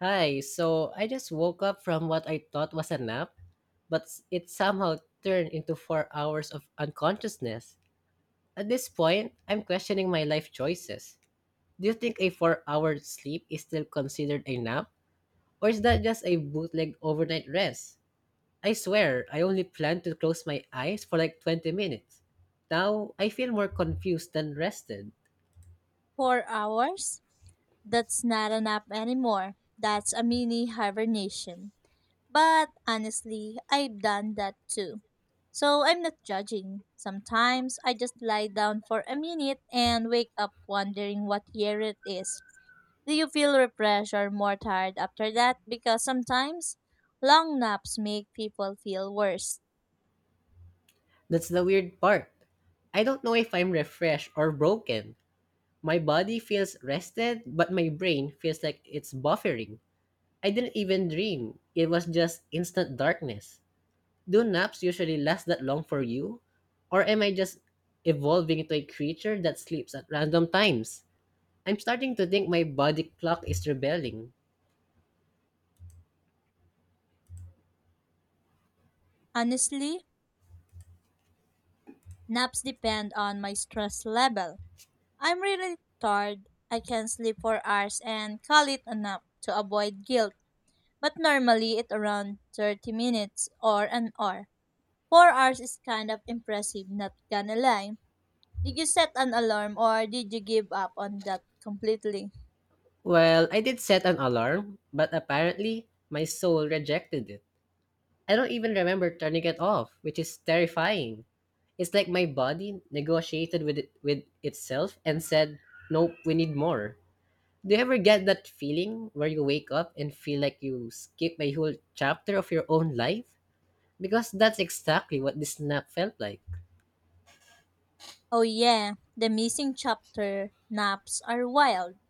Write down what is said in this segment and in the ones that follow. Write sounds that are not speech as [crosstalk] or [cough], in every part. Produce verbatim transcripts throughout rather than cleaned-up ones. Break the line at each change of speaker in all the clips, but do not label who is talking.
Hi, so I just woke up from what I thought was a nap, but s- it somehow turned into four hours of unconsciousness. At this point, I'm questioning my life choices. Do you think a four hour sleep is still considered a nap? Or is that just a bootleg overnight rest? I swear, I only planned to close my eyes for like twenty minutes. Now, I feel more confused than rested.
Four hours? That's not a nap anymore. That's a mini hibernation. But honestly, I've done that too. So I'm not judging. Sometimes I just lie down for a minute and wake up wondering what year it is. Do you feel refreshed or more tired after that? Because sometimes long naps make people feel worse.
That's the weird part. I don't know if I'm refreshed or broken. My body feels rested, but my brain feels like it's buffering. I didn't even dream. It was just instant darkness. Do naps usually last that long for you? Or am I just evolving into a creature that sleeps at random times? I'm starting to think my body clock is rebelling.
Honestly, naps depend on my stress level. I'm really tired. I can sleep for hours and call it a nap to avoid guilt. But normally it around thirty minutes or an hour. four hours is kind of impressive, not gonna lie. Did you set an alarm or did you give up on that completely?
Well, I did set an alarm, but apparently my soul rejected it. I don't even remember turning it off, which is terrifying. It's like my body negotiated with it, with itself and said, "Nope, we need more." Do you ever get that feeling where you wake up and feel like you skipped a whole chapter of your own life? Because that's exactly what this nap felt like.
Oh yeah, the missing chapter naps are wild.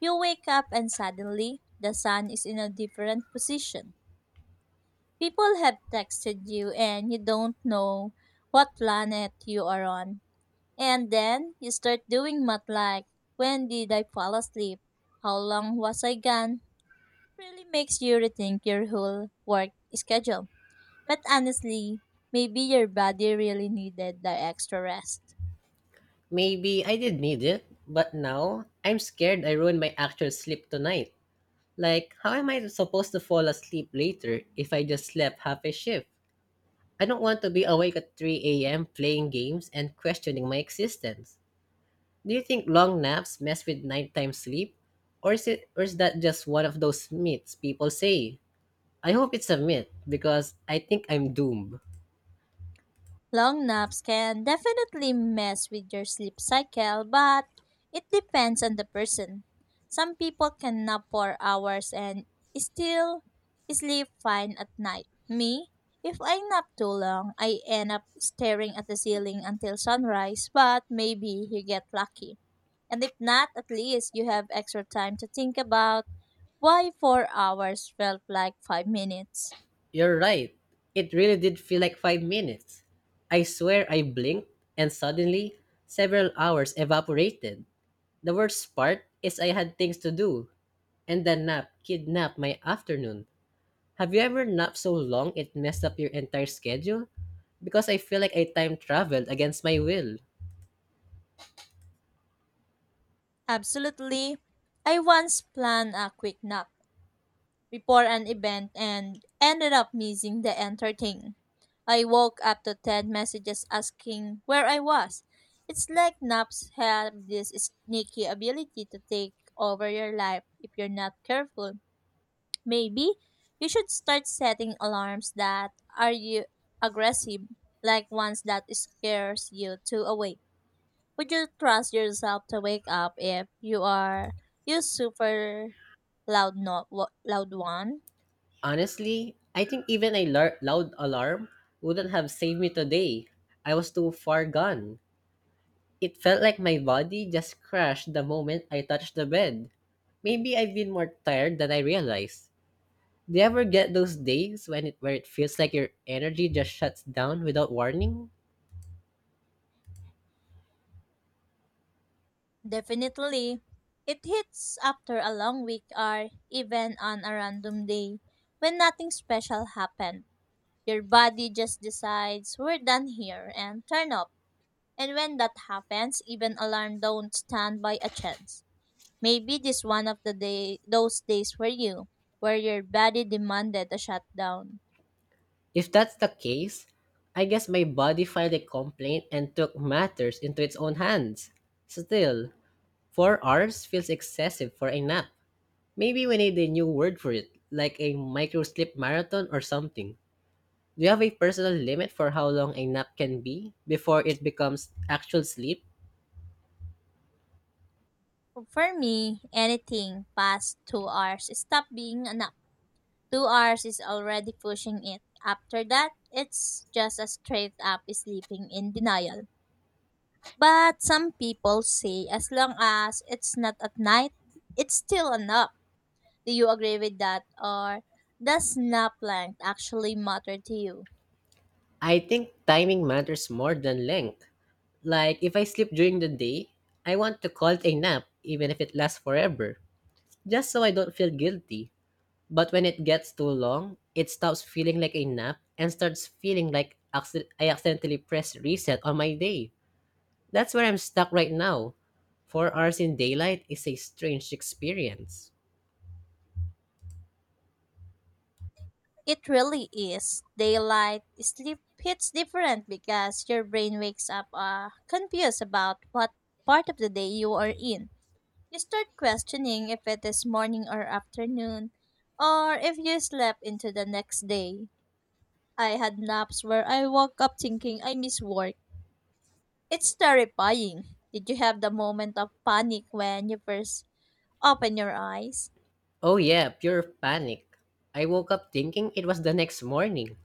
You wake up and suddenly the sun is in a different position. People have texted you and you don't know what planet you are on. And then you start doing math like, when did I fall asleep? How long was I gone? It really makes you rethink your whole work schedule. But honestly, maybe your body really needed the extra rest.
Maybe I did need it, but now I'm scared I ruined my actual sleep tonight. Like, how am I supposed to fall asleep later if I just slept half a shift? I don't want to be awake at three a m playing games and questioning my existence. Do you think long naps mess with nighttime sleep? Or is, it, or is that just one of those myths people say? I hope it's a myth because I think I'm doomed.
Long naps can definitely mess with your sleep cycle, but it depends on the person. Some people can nap for hours and still sleep fine at night. Me, if I nap too long, I end up staring at the ceiling until sunrise, but maybe you get lucky. And if not, at least you have extra time to think about why four hours felt like five minutes.
You're right. It really did feel like five minutes. I swear I blinked and suddenly several hours evaporated. The worst part is I had things to do and the nap kidnapped my afternoon. Have you ever napped so long it messed up your entire schedule? Because I feel like I time traveled against my will.
Absolutely. I once planned a quick nap before an event and ended up missing the entire thing. I woke up to ten messages asking where I was. It's like naps have this sneaky ability to take over your life if you're not careful. Maybe you should start setting alarms that are you aggressive, like ones that scares you to awake. Would you trust yourself to wake up if you are you super loud not loud one?
Honestly, I think even a lar- loud alarm wouldn't have saved me today. I was too far gone. It felt like my body just crashed the moment I touched the bed. Maybe I've been more tired than I realized. Do you ever get those days when it where it feels like your energy just shuts down without warning?
Definitely. It hits after a long week or even on a random day when nothing special happened. Your body just decides we're done here and turn up. And when that happens, even alarm don't stand by a chance. Maybe this one of the day those days for you, where your body demanded a shutdown.
If that's the case, I guess my body filed a complaint and took matters into its own hands. Still, four hours feels excessive for a nap. Maybe we need a new word for it, like a micro sleep marathon or something. Do you have a personal limit for how long a nap can be before it becomes actual sleep?
For me, anything past two hours stopped being enough. Two hours is already pushing it. After that, it's just a straight up sleeping in denial. But some people say as long as it's not at night, it's still enough. Do you agree with that? Or does nap length actually matter to you?
I think timing matters more than length. Like, if I sleep during the day, I want to call it a nap, even if it lasts forever, just so I don't feel guilty. But when it gets too long, it stops feeling like a nap and starts feeling like acci- I accidentally pressed reset on my day. That's where I'm stuck right now. Four hours in daylight is a strange experience.
It really is. Daylight sleep hits different because your brain wakes up uh, confused about what part of the day you are in. You start questioning if it is morning or afternoon, or if you slept into the next day. I had naps where I woke up thinking I miss work. It's terrifying. Did you have the moment of panic when you first open your eyes?
Oh, yeah, pure panic. I woke up thinking it was the next morning.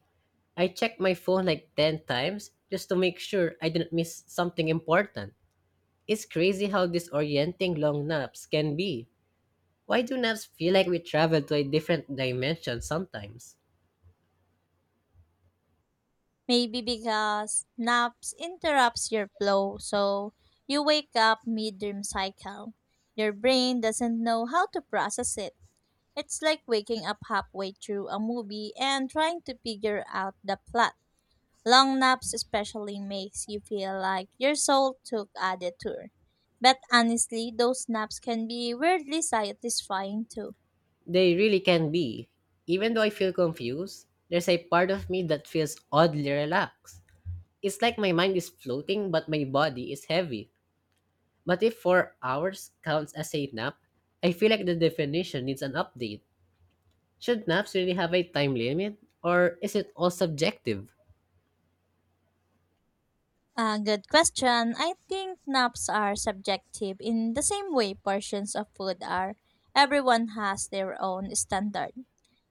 I checked my phone like ten times just to make sure I didn't miss something important. It's crazy how disorienting long naps can be. Why do naps feel like we travel to a different dimension sometimes?
Maybe because naps interrupts your flow, so you wake up mid-dream cycle. Your brain doesn't know how to process it. It's like waking up halfway through a movie and trying to figure out the plot. Long naps especially makes you feel like your soul took a detour. But honestly, those naps can be weirdly satisfying too.
They really can be. Even though I feel confused, there's a part of me that feels oddly relaxed. It's like my mind is floating but my body is heavy. But if four hours counts as a nap, I feel like the definition needs an update. Should naps really have a time limit or is it all subjective?
A good question. I think naps are subjective in the same way portions of food are. Everyone has their own standard.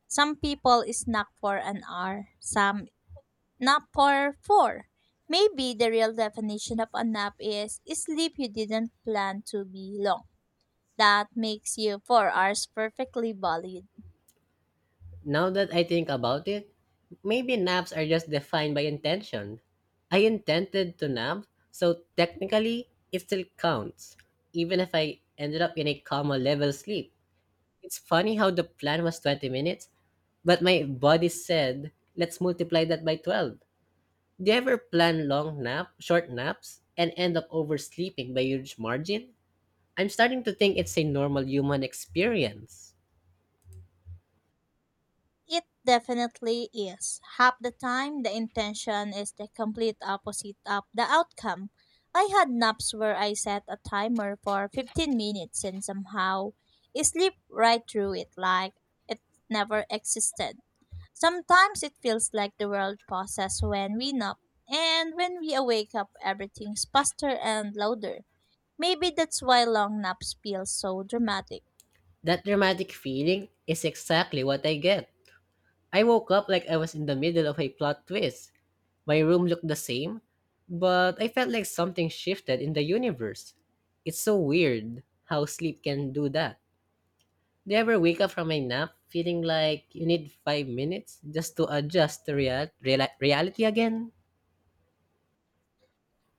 Some people snack for an hour, some nap for four. Maybe the real definition of a nap is sleep you didn't plan to be long. That makes you four hours perfectly valid.
Now that I think about it, maybe naps are just defined by intention. I intended to nap, so technically it still counts, even if I ended up in a coma level sleep. It's funny how the plan was twenty minutes, but my body said, let's multiply that by twelve. Do you ever plan long nap, short naps, and end up oversleeping by huge margin? I'm starting to think it's a normal human experience.
It definitely is. Half the time, the intention is the complete opposite of the outcome. I had naps where I set a timer for fifteen minutes and somehow sleep right through it like it never existed. Sometimes it feels like the world pauses when we nap, and when we wake up, everything's faster and louder. Maybe that's why long naps feel so dramatic.
That dramatic feeling is exactly what I get. I woke up like I was in the middle of a plot twist. My room looked the same, but I felt like something shifted in the universe. It's so weird how sleep can do that. Do you ever wake up from a nap feeling like you need five minutes just to adjust to real- reali- reality again?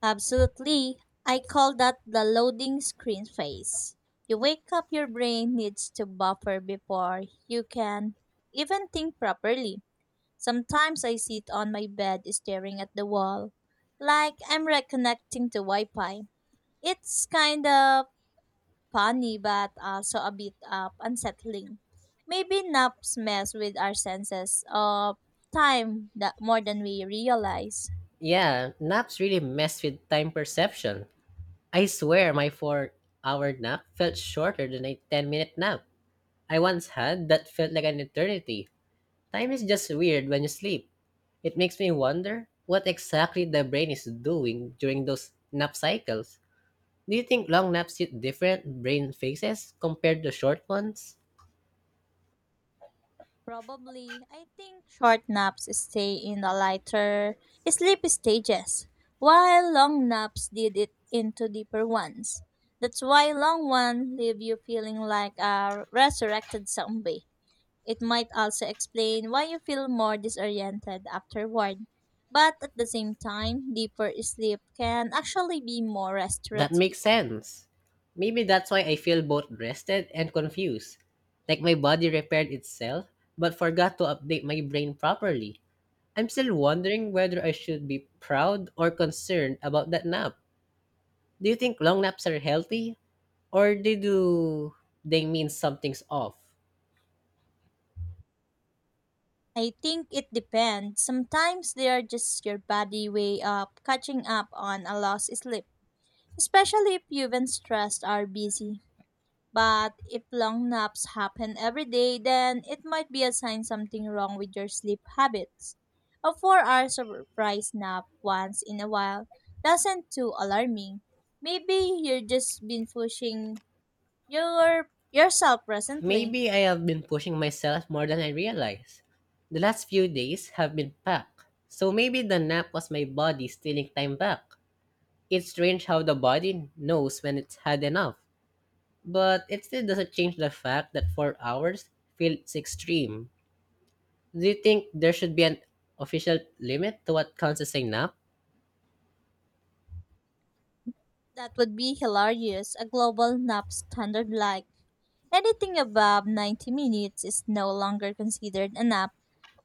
Absolutely. I call that the loading screen phase. You wake up, your brain needs to buffer before you can even think properly. Sometimes I sit on my bed staring at the wall, like I'm reconnecting to Wi Fi. It's kind of funny, but also a bit up unsettling. Maybe naps mess with our senses of time that more than we realize.
Yeah, naps really mess with time perception. I swear my four hour nap felt shorter than a ten minute nap I once had that felt like an eternity. Time is just weird when you sleep. It makes me wonder what exactly the brain is doing during those nap cycles. Do you think long naps hit different brain phases compared to short ones?
Probably, I think short naps stay in the lighter sleep stages, while long naps did it into deeper ones. That's why long ones leave you feeling like a resurrected zombie. It might also explain why you feel more disoriented afterward. But at the same time, deeper sleep can actually be more
That makes
restorative.
sense. Maybe that's why I feel both rested and confused. Like my body repaired itself but forgot to update my brain properly. I'm still wondering whether I should be proud or concerned about that nap. Do you think long naps are healthy? Or they do they mean something's off?
I think it depends. Sometimes they are just your body way of catching up on a lost sleep, especially if you've been stressed are busy. But if long naps happen every day, then it might be a sign something wrong with your sleep habits. A four hour surprise nap once in a while doesn't too alarming. Maybe you're just been pushing your yourself presently.
Maybe I have been pushing myself more than I realize. The last few days have been packed, so maybe the nap was my body stealing time back. It's strange how the body knows when it's had enough, but it still doesn't change the fact that four hours feels extreme. Do you think there should be an official limit to what counts as a nap?
That would be hilarious, a global nap standard like, anything above ninety minutes is no longer considered a nap,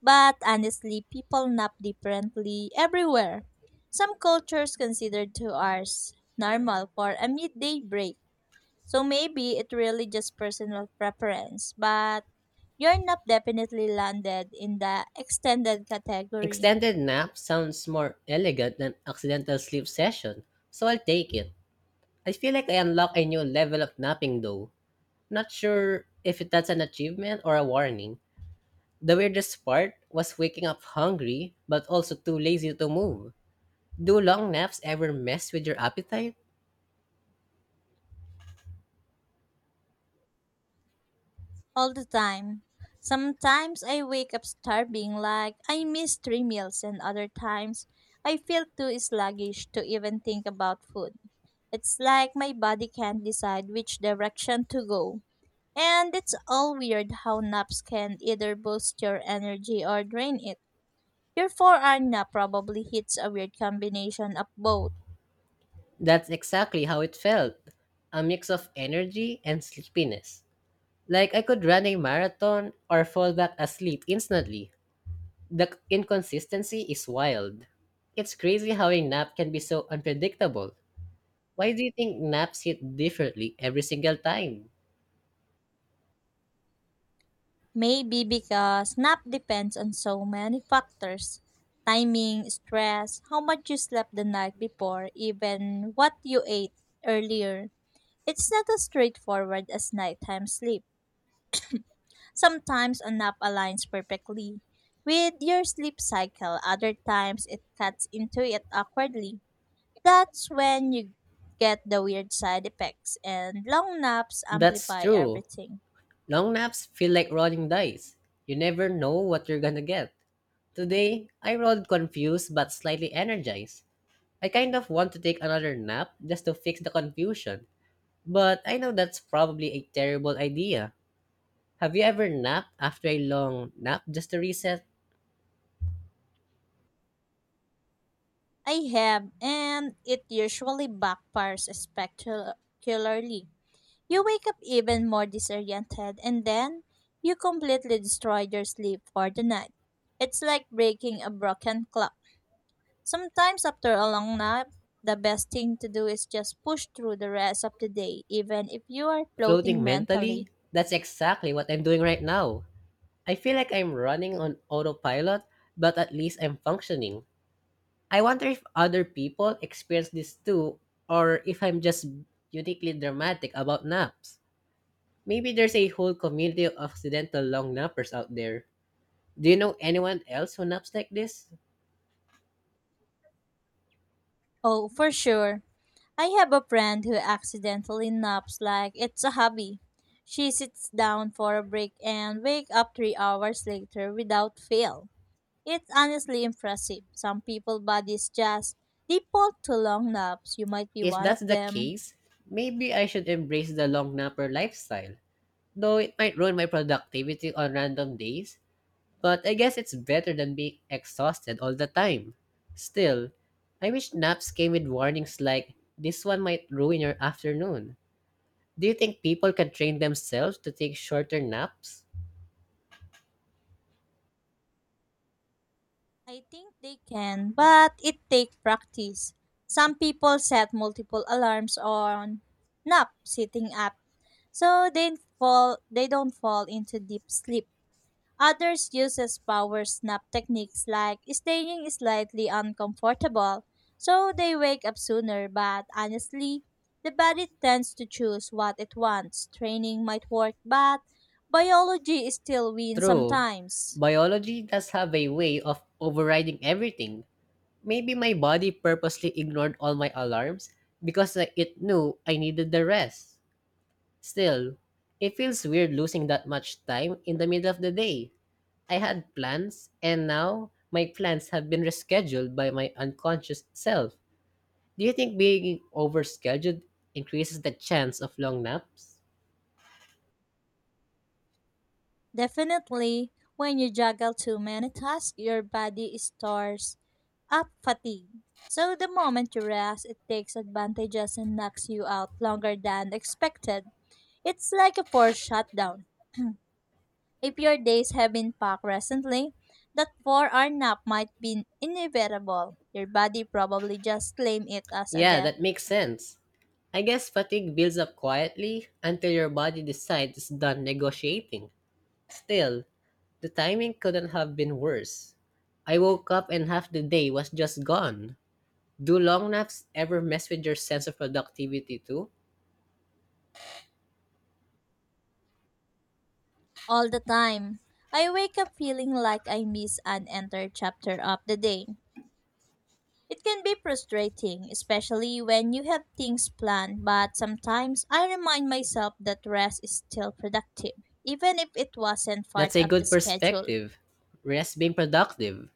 but honestly, people nap differently everywhere. Some cultures consider two hours normal for a midday break, so maybe it really just personal preference, but your nap definitely landed in the extended category.
Extended nap sounds more elegant than accidental sleep session, so I'll take it. I feel like I unlocked a new level of napping though. Not sure if that's an achievement or a warning. The weirdest part was waking up hungry but also too lazy to move. Do long naps ever mess with your appetite?
All the time. Sometimes I wake up starving like I missed three meals and other times I feel too sluggish to even think about food. It's like my body can't decide which direction to go. And it's all weird how naps can either boost your energy or drain it. Your four hour nap probably hits a weird combination of both.
That's exactly how it felt. A mix of energy and sleepiness. Like I could run a marathon or fall back asleep instantly. The c- inconsistency is wild. It's crazy how a nap can be so unpredictable. Why do you think naps hit differently every single time?
Maybe because nap depends on so many factors, timing, stress, how much you slept the night before, even what you ate earlier. It's not as straightforward as nighttime sleep. Sometimes a nap aligns perfectly with your sleep cycle, other times it cuts into it awkwardly. That's when you get the weird side effects, and long naps
That's
amplify
true.
everything.
Long naps feel like rolling dice. You never know what you're gonna get. Today, I rolled confused but slightly energized. I kind of want to take another nap just to fix the confusion, but I know that's probably a terrible idea. Have you ever napped after a long nap just to reset?
I have, and it usually backfires spectacularly. You wake up even more disoriented, and then you completely destroy your sleep for the night. It's like breaking a broken clock. Sometimes, after a long nap, the best thing to do is just push through the rest of the day, even if you are floating
Floating mentally?
mentally.
That's exactly what I'm doing right now. I feel like I'm running on autopilot, but at least I'm functioning. I wonder if other people experience this too, or if I'm just uniquely dramatic about naps. Maybe there's a whole community of accidental long nappers out there. Do you know anyone else who naps like this?
Oh, for sure. I have a friend who accidentally naps like it's a hobby. She sits down for a break and wake up three hours later without fail. It's honestly impressive. Some people bodies just default to long naps. You might be
If
one of
that's the
them.
case, maybe I should embrace the long napper lifestyle. Though it might ruin my productivity on random days, but I guess it's better than being exhausted all the time. Still, I wish naps came with warnings like, this one might ruin your afternoon. Do you think people can train themselves to take shorter naps?
I think they can, but it takes practice. Some people set multiple alarms on nap sitting up so they fall they don't fall into deep sleep. Others uses power snap techniques like staying slightly uncomfortable so they wake up sooner, but honestly, the body tends to choose what it wants. Training might work, but biology still wins
True.
sometimes.
Biology does have a way of overriding everything. Maybe my body purposely ignored all my alarms because I- it knew I needed the rest. Still, it feels weird losing that much time in the middle of the day. I had plans, and now my plans have been rescheduled by my unconscious self. Do you think being overscheduled increases the chance of long naps?
Definitely, when you juggle too many tasks, your body stores up fatigue. So the moment you rest, it takes advantages and knocks you out longer than expected. It's like a forced shutdown. If your days have been packed recently, that four hour nap might be inevitable. Your body probably just claim it as a
Yeah,
debt.
that makes sense. I guess fatigue builds up quietly until your body decides it's done negotiating. Still, the timing couldn't have been worse. I woke up and half the day was just gone. Do long naps ever mess with your sense of productivity too?
All the time. I wake up feeling like I miss an entire chapter of the day. It can be frustrating, especially when you have things planned, but sometimes I remind myself that rest is still productive, even if it wasn't part
That's a
of the
good
schedule.
perspective. Rest being productive.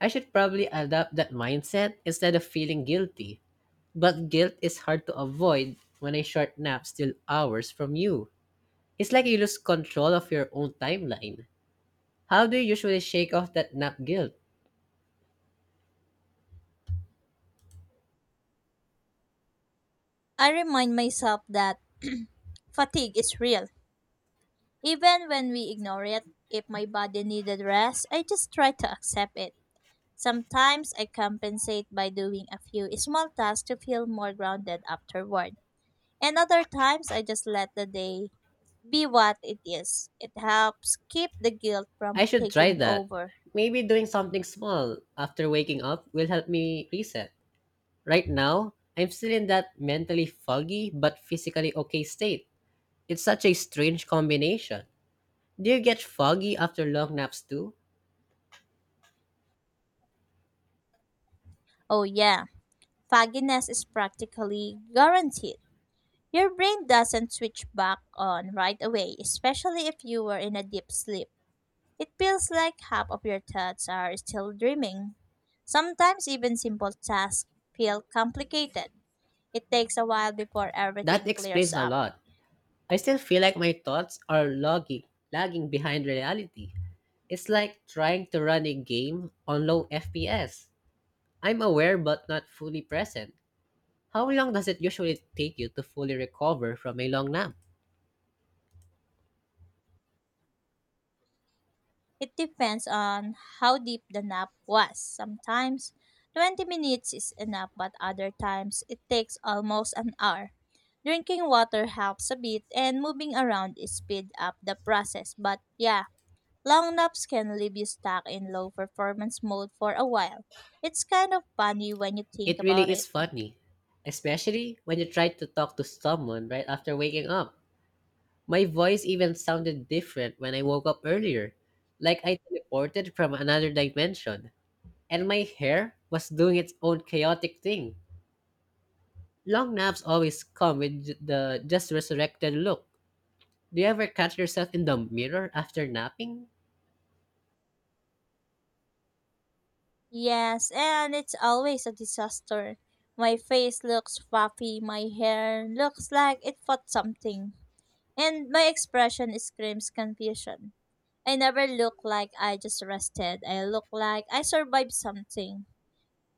I should probably adopt that mindset instead of feeling guilty. But guilt is hard to avoid when a short nap steals hours from you. It's like you lose control of your own timeline. How do you usually shake off that nap guilt?
I remind myself that fatigue is real. Even when we ignore it, if my body needed rest, I just try to accept it. Sometimes I compensate by doing a few small tasks to feel more grounded afterward. And other times I just let the day be what it is. It helps keep the guilt
I
from
should try
taking
that.
over.
Maybe doing something small after waking up will help me reset. Right now, I'm still in that mentally foggy but physically okay state. It's such a strange combination. Do you get foggy after long naps too?
Oh yeah, fogginess is practically guaranteed. Your brain doesn't switch back on right away, especially if you were in a deep sleep. It feels like half of your thoughts are still dreaming. Sometimes even simple tasks feel complicated. It takes a while before
That
everything clears
explains a
up.
lot. I still feel like my thoughts are loggy, lagging behind reality. It's like trying to run a game on low F P S. I'm aware but not fully present. How long does it usually take you to fully recover from a long nap?
It depends on how deep the nap was. Sometimes twenty minutes is enough, but other times it takes almost an hour. Drinking water helps a bit, and moving around is speed up the process. But yeah, long naps can leave you stuck in low performance mode for a while. It's kind of funny when you think
It
about
really
it.
is funny, especially when you try to talk to someone right after waking up. My voice even sounded different when I woke up earlier, like I teleported from another dimension. And my hair was doing its own chaotic thing. Long naps always come with j- the just resurrected look. Do you ever catch yourself in the mirror after napping?
Yes, and it's always a disaster. My face looks puffy, my hair looks like it fought something, and my expression screams confusion. I never look like I just rested. I look like I survived something.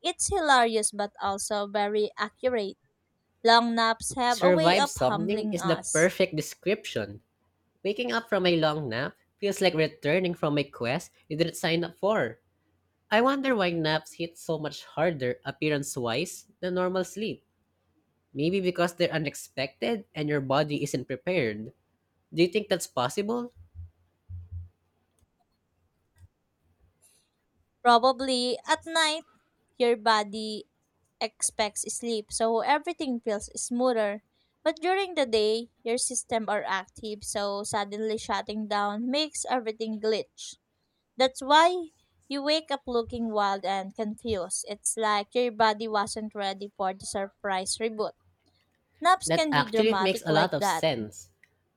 It's hilarious but also very accurate. Long naps have a way
Survive
of
something
humbling
is the
us.
perfect description. Waking up from a long nap feels like returning from a quest you didn't sign up for. I wonder why naps hit so much harder appearance wise than normal sleep. Maybe because they're unexpected and your body isn't prepared. Do you think that's possible?
Probably at night, your body expects sleep, so everything feels smoother. But during the day, your system are active, so suddenly shutting down makes everything glitch. That's why you wake up looking wild and confused. It's like your body wasn't ready for the surprise reboot. Naps
That
can be
actually makes
dramatic
a lot
like
of
that.
sense.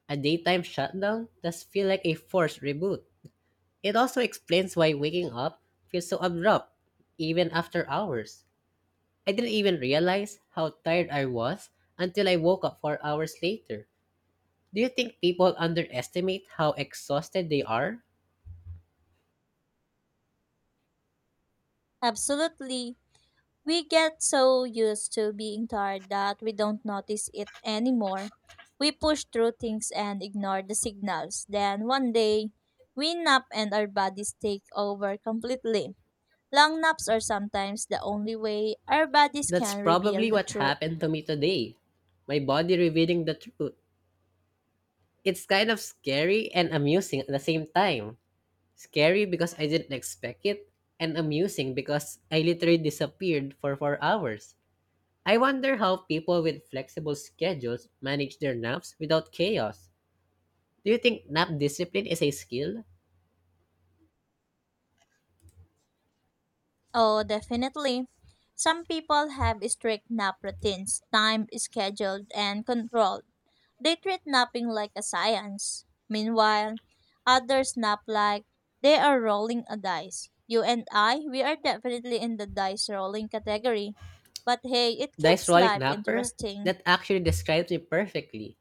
A daytime shutdown does feel like a forced reboot. It also explains why waking up feels so abrupt, even after hours. I didn't even realize how tired I was until I woke up four hours later. Do you think people underestimate how exhausted they are?
Absolutely. We get so used to being tired that we don't notice it anymore. We push through things and ignore the signals. Then one day, we nap and our bodies take over completely. Long naps are sometimes the only way our bodies
That's
can
probably
reveal the
what
truth.
happened to me today. My body revealing the truth. It's kind of scary and amusing at the same time. Scary because I didn't expect it, and amusing because I literally disappeared for four hours. I wonder how people with flexible schedules manage their naps without chaos. Do you think nap discipline is a skill?
Oh, definitely. Some people have strict nap routines, time scheduled and controlled. They treat napping like a science. Meanwhile, others nap like they are rolling a dice. You and I, we are definitely in the dice rolling category. But hey, it
Dice
keeps
rolling
life
napper?
interesting.
That actually describes me perfectly.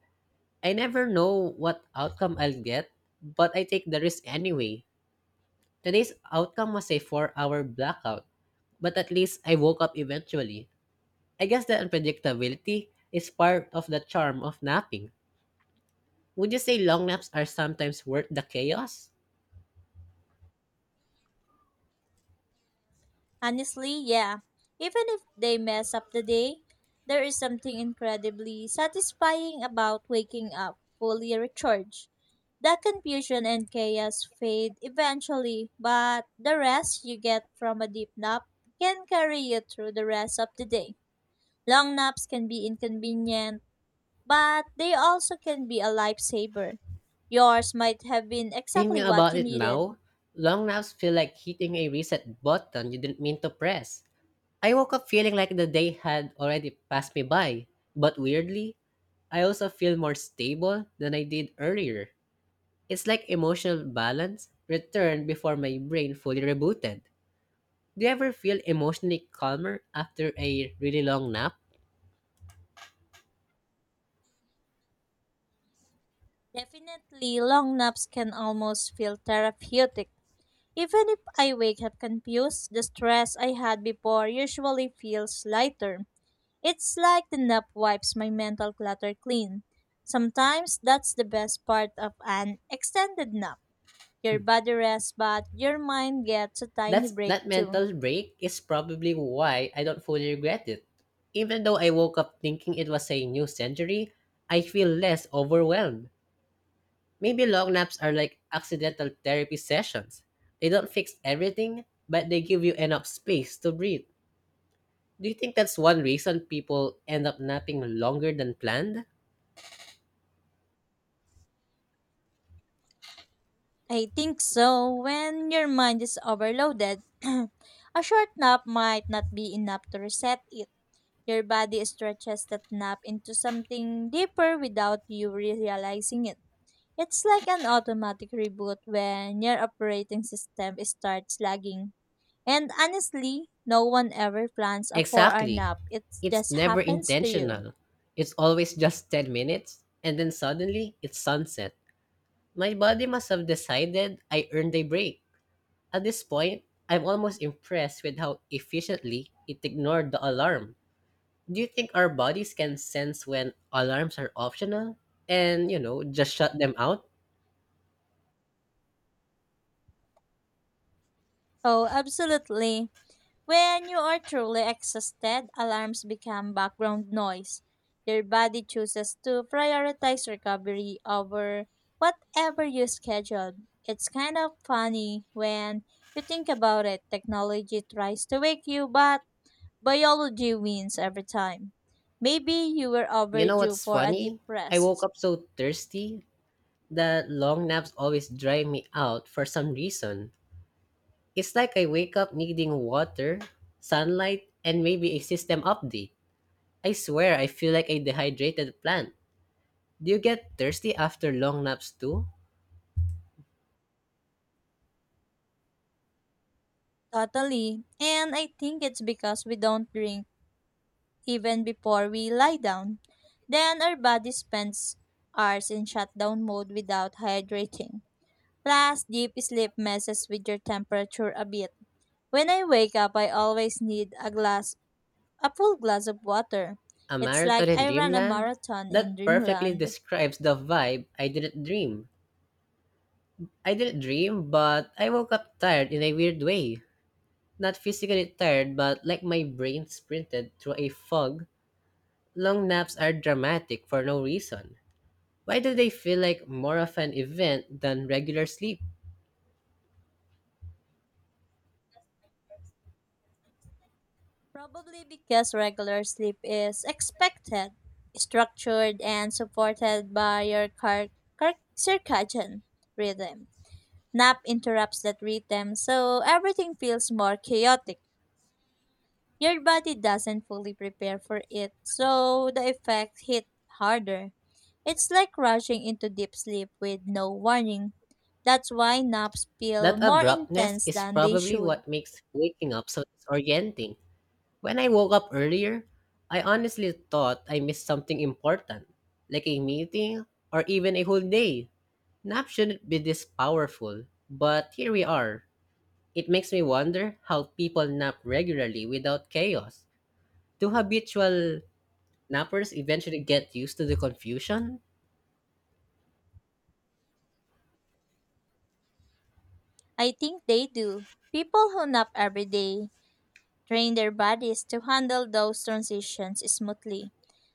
I never know what outcome I'll get, but I take the risk anyway. Today's outcome was a four hour blackout, but at least I woke up eventually. I guess the unpredictability is part of the charm of napping. Would you say long naps are sometimes worth the chaos?
Honestly, yeah. Even if they mess up the day, there is something incredibly satisfying about waking up fully recharged. That confusion and chaos fade eventually, but the rest you get from a deep nap can carry you through the rest of the day. Long naps can be inconvenient, but they also can be a lifesaver. Yours might have been
Thinking
exactly what
about
you
it
needed.
now, long naps feel like hitting a reset button you didn't mean to press. I woke up feeling like the day had already passed me by, but weirdly, I also feel more stable than I did earlier. It's like emotional balance returned before my brain fully rebooted. Do you ever feel emotionally calmer after a really long nap?
Definitely, long naps can almost feel therapeutic. Even if I wake up confused, the stress I had before usually feels lighter. It's like the nap wipes my mental clutter clean. Sometimes that's the best part of an extended nap. Your body rests, but your mind gets a tiny
That's
break
that
too.
mental break is probably why I don't fully regret it. Even though I woke up thinking it was a new century, I feel less overwhelmed. Maybe long naps are like accidental therapy sessions. They don't fix everything, but they give you enough space to breathe. Do you think that's one reason people end up napping longer than planned?
I think so. When your mind is overloaded, [clears throat] a short nap might not be enough to reset it. Your body stretches that nap into something deeper without you realizing it. It's like an automatic reboot when your operating system starts lagging. And honestly, no one ever plans a four hour
Exactly.
nap. It
It's
just
never
happens to you.
intentional. It's always just ten minutes, and then suddenly it's sunset. My body must have decided I earned a break. At this point, I'm almost impressed with how efficiently it ignored the alarm. Do you think our bodies can sense when alarms are optional and, you know, just shut them out?
Oh, absolutely. When you are truly exhausted, alarms become background noise. Your body chooses to prioritize recovery over whatever you scheduled. It's kind of funny when you think about it. Technology tries to wake you, but biology wins every time. Maybe you were
You know
overdue
what's
for a deep
funny? I woke
rest.
up so thirsty that long naps always dry me out for some reason. It's like I wake up needing water, sunlight, and maybe a system update. I swear I feel like a dehydrated plant. Do you get thirsty after long naps too?
Totally. And I think it's because we don't drink even before we lie down. Then our body spends hours in shutdown mode without hydrating. Plus, deep sleep messes with your temperature a bit. When I wake up, I always need a glass, a full glass of water.
A
It's
marathon
like
in
I ran a
dreamland?
marathon in
That perfectly
dreamland.
describes the vibe I didn't dream. I didn't dream, but I woke up tired in a weird way. Not physically tired, but like my brain sprinted through a fog. Long naps are dramatic for no reason. Why do they feel like more of an event than regular sleep?
Probably because regular sleep is expected, structured, and supported by your car- car- circadian rhythm. Nap interrupts that rhythm, so everything feels more chaotic. Your body doesn't fully prepare for it, so the effects hit harder. It's like rushing into deep sleep with no warning. That's why naps
That
feel more
abruptness
intense
is
than they
probably
should.
what makes waking up so disorienting. When I woke up earlier, I honestly thought I missed something important, like a meeting or even a whole day. Nap shouldn't be this powerful, but here we are. It makes me wonder how people nap regularly without chaos. Do habitual nappers eventually get used to the confusion?
I think they do. People who nap every day train their bodies to handle those transitions smoothly.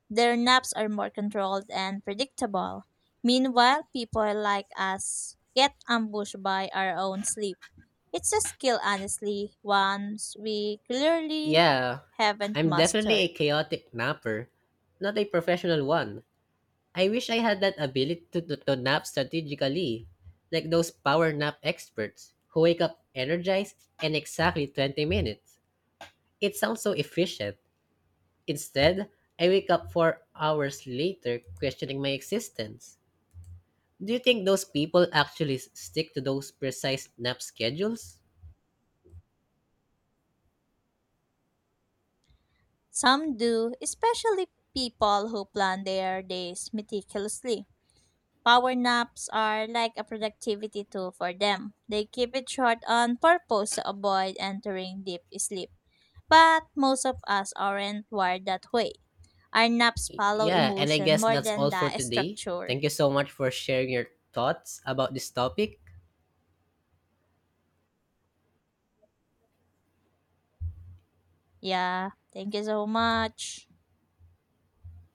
Their naps are more controlled and predictable. Meanwhile, people like us get ambushed by our own sleep. It's a skill, honestly, once we clearly
Yeah,
haven't
I'm definitely a
mastered.
chaotic napper, not a professional one. I wish I had that ability to, to, to nap strategically, like those power nap experts who wake up energized in exactly twenty minutes. It sounds so efficient. Instead, I wake up four hours later questioning my existence. Do you think those people actually s- stick to those precise nap schedules?
Some do, especially people who plan their days meticulously. Power naps are like a productivity tool for them. They keep it short on purpose to avoid entering deep sleep. But most of us aren't wired that way. Our naps
Y-
follow
Yeah, and I
emotion
guess
more
that's
than
all for
the
today.
structure.
Thank you so much for sharing your thoughts about this topic.
Yeah, thank you so much.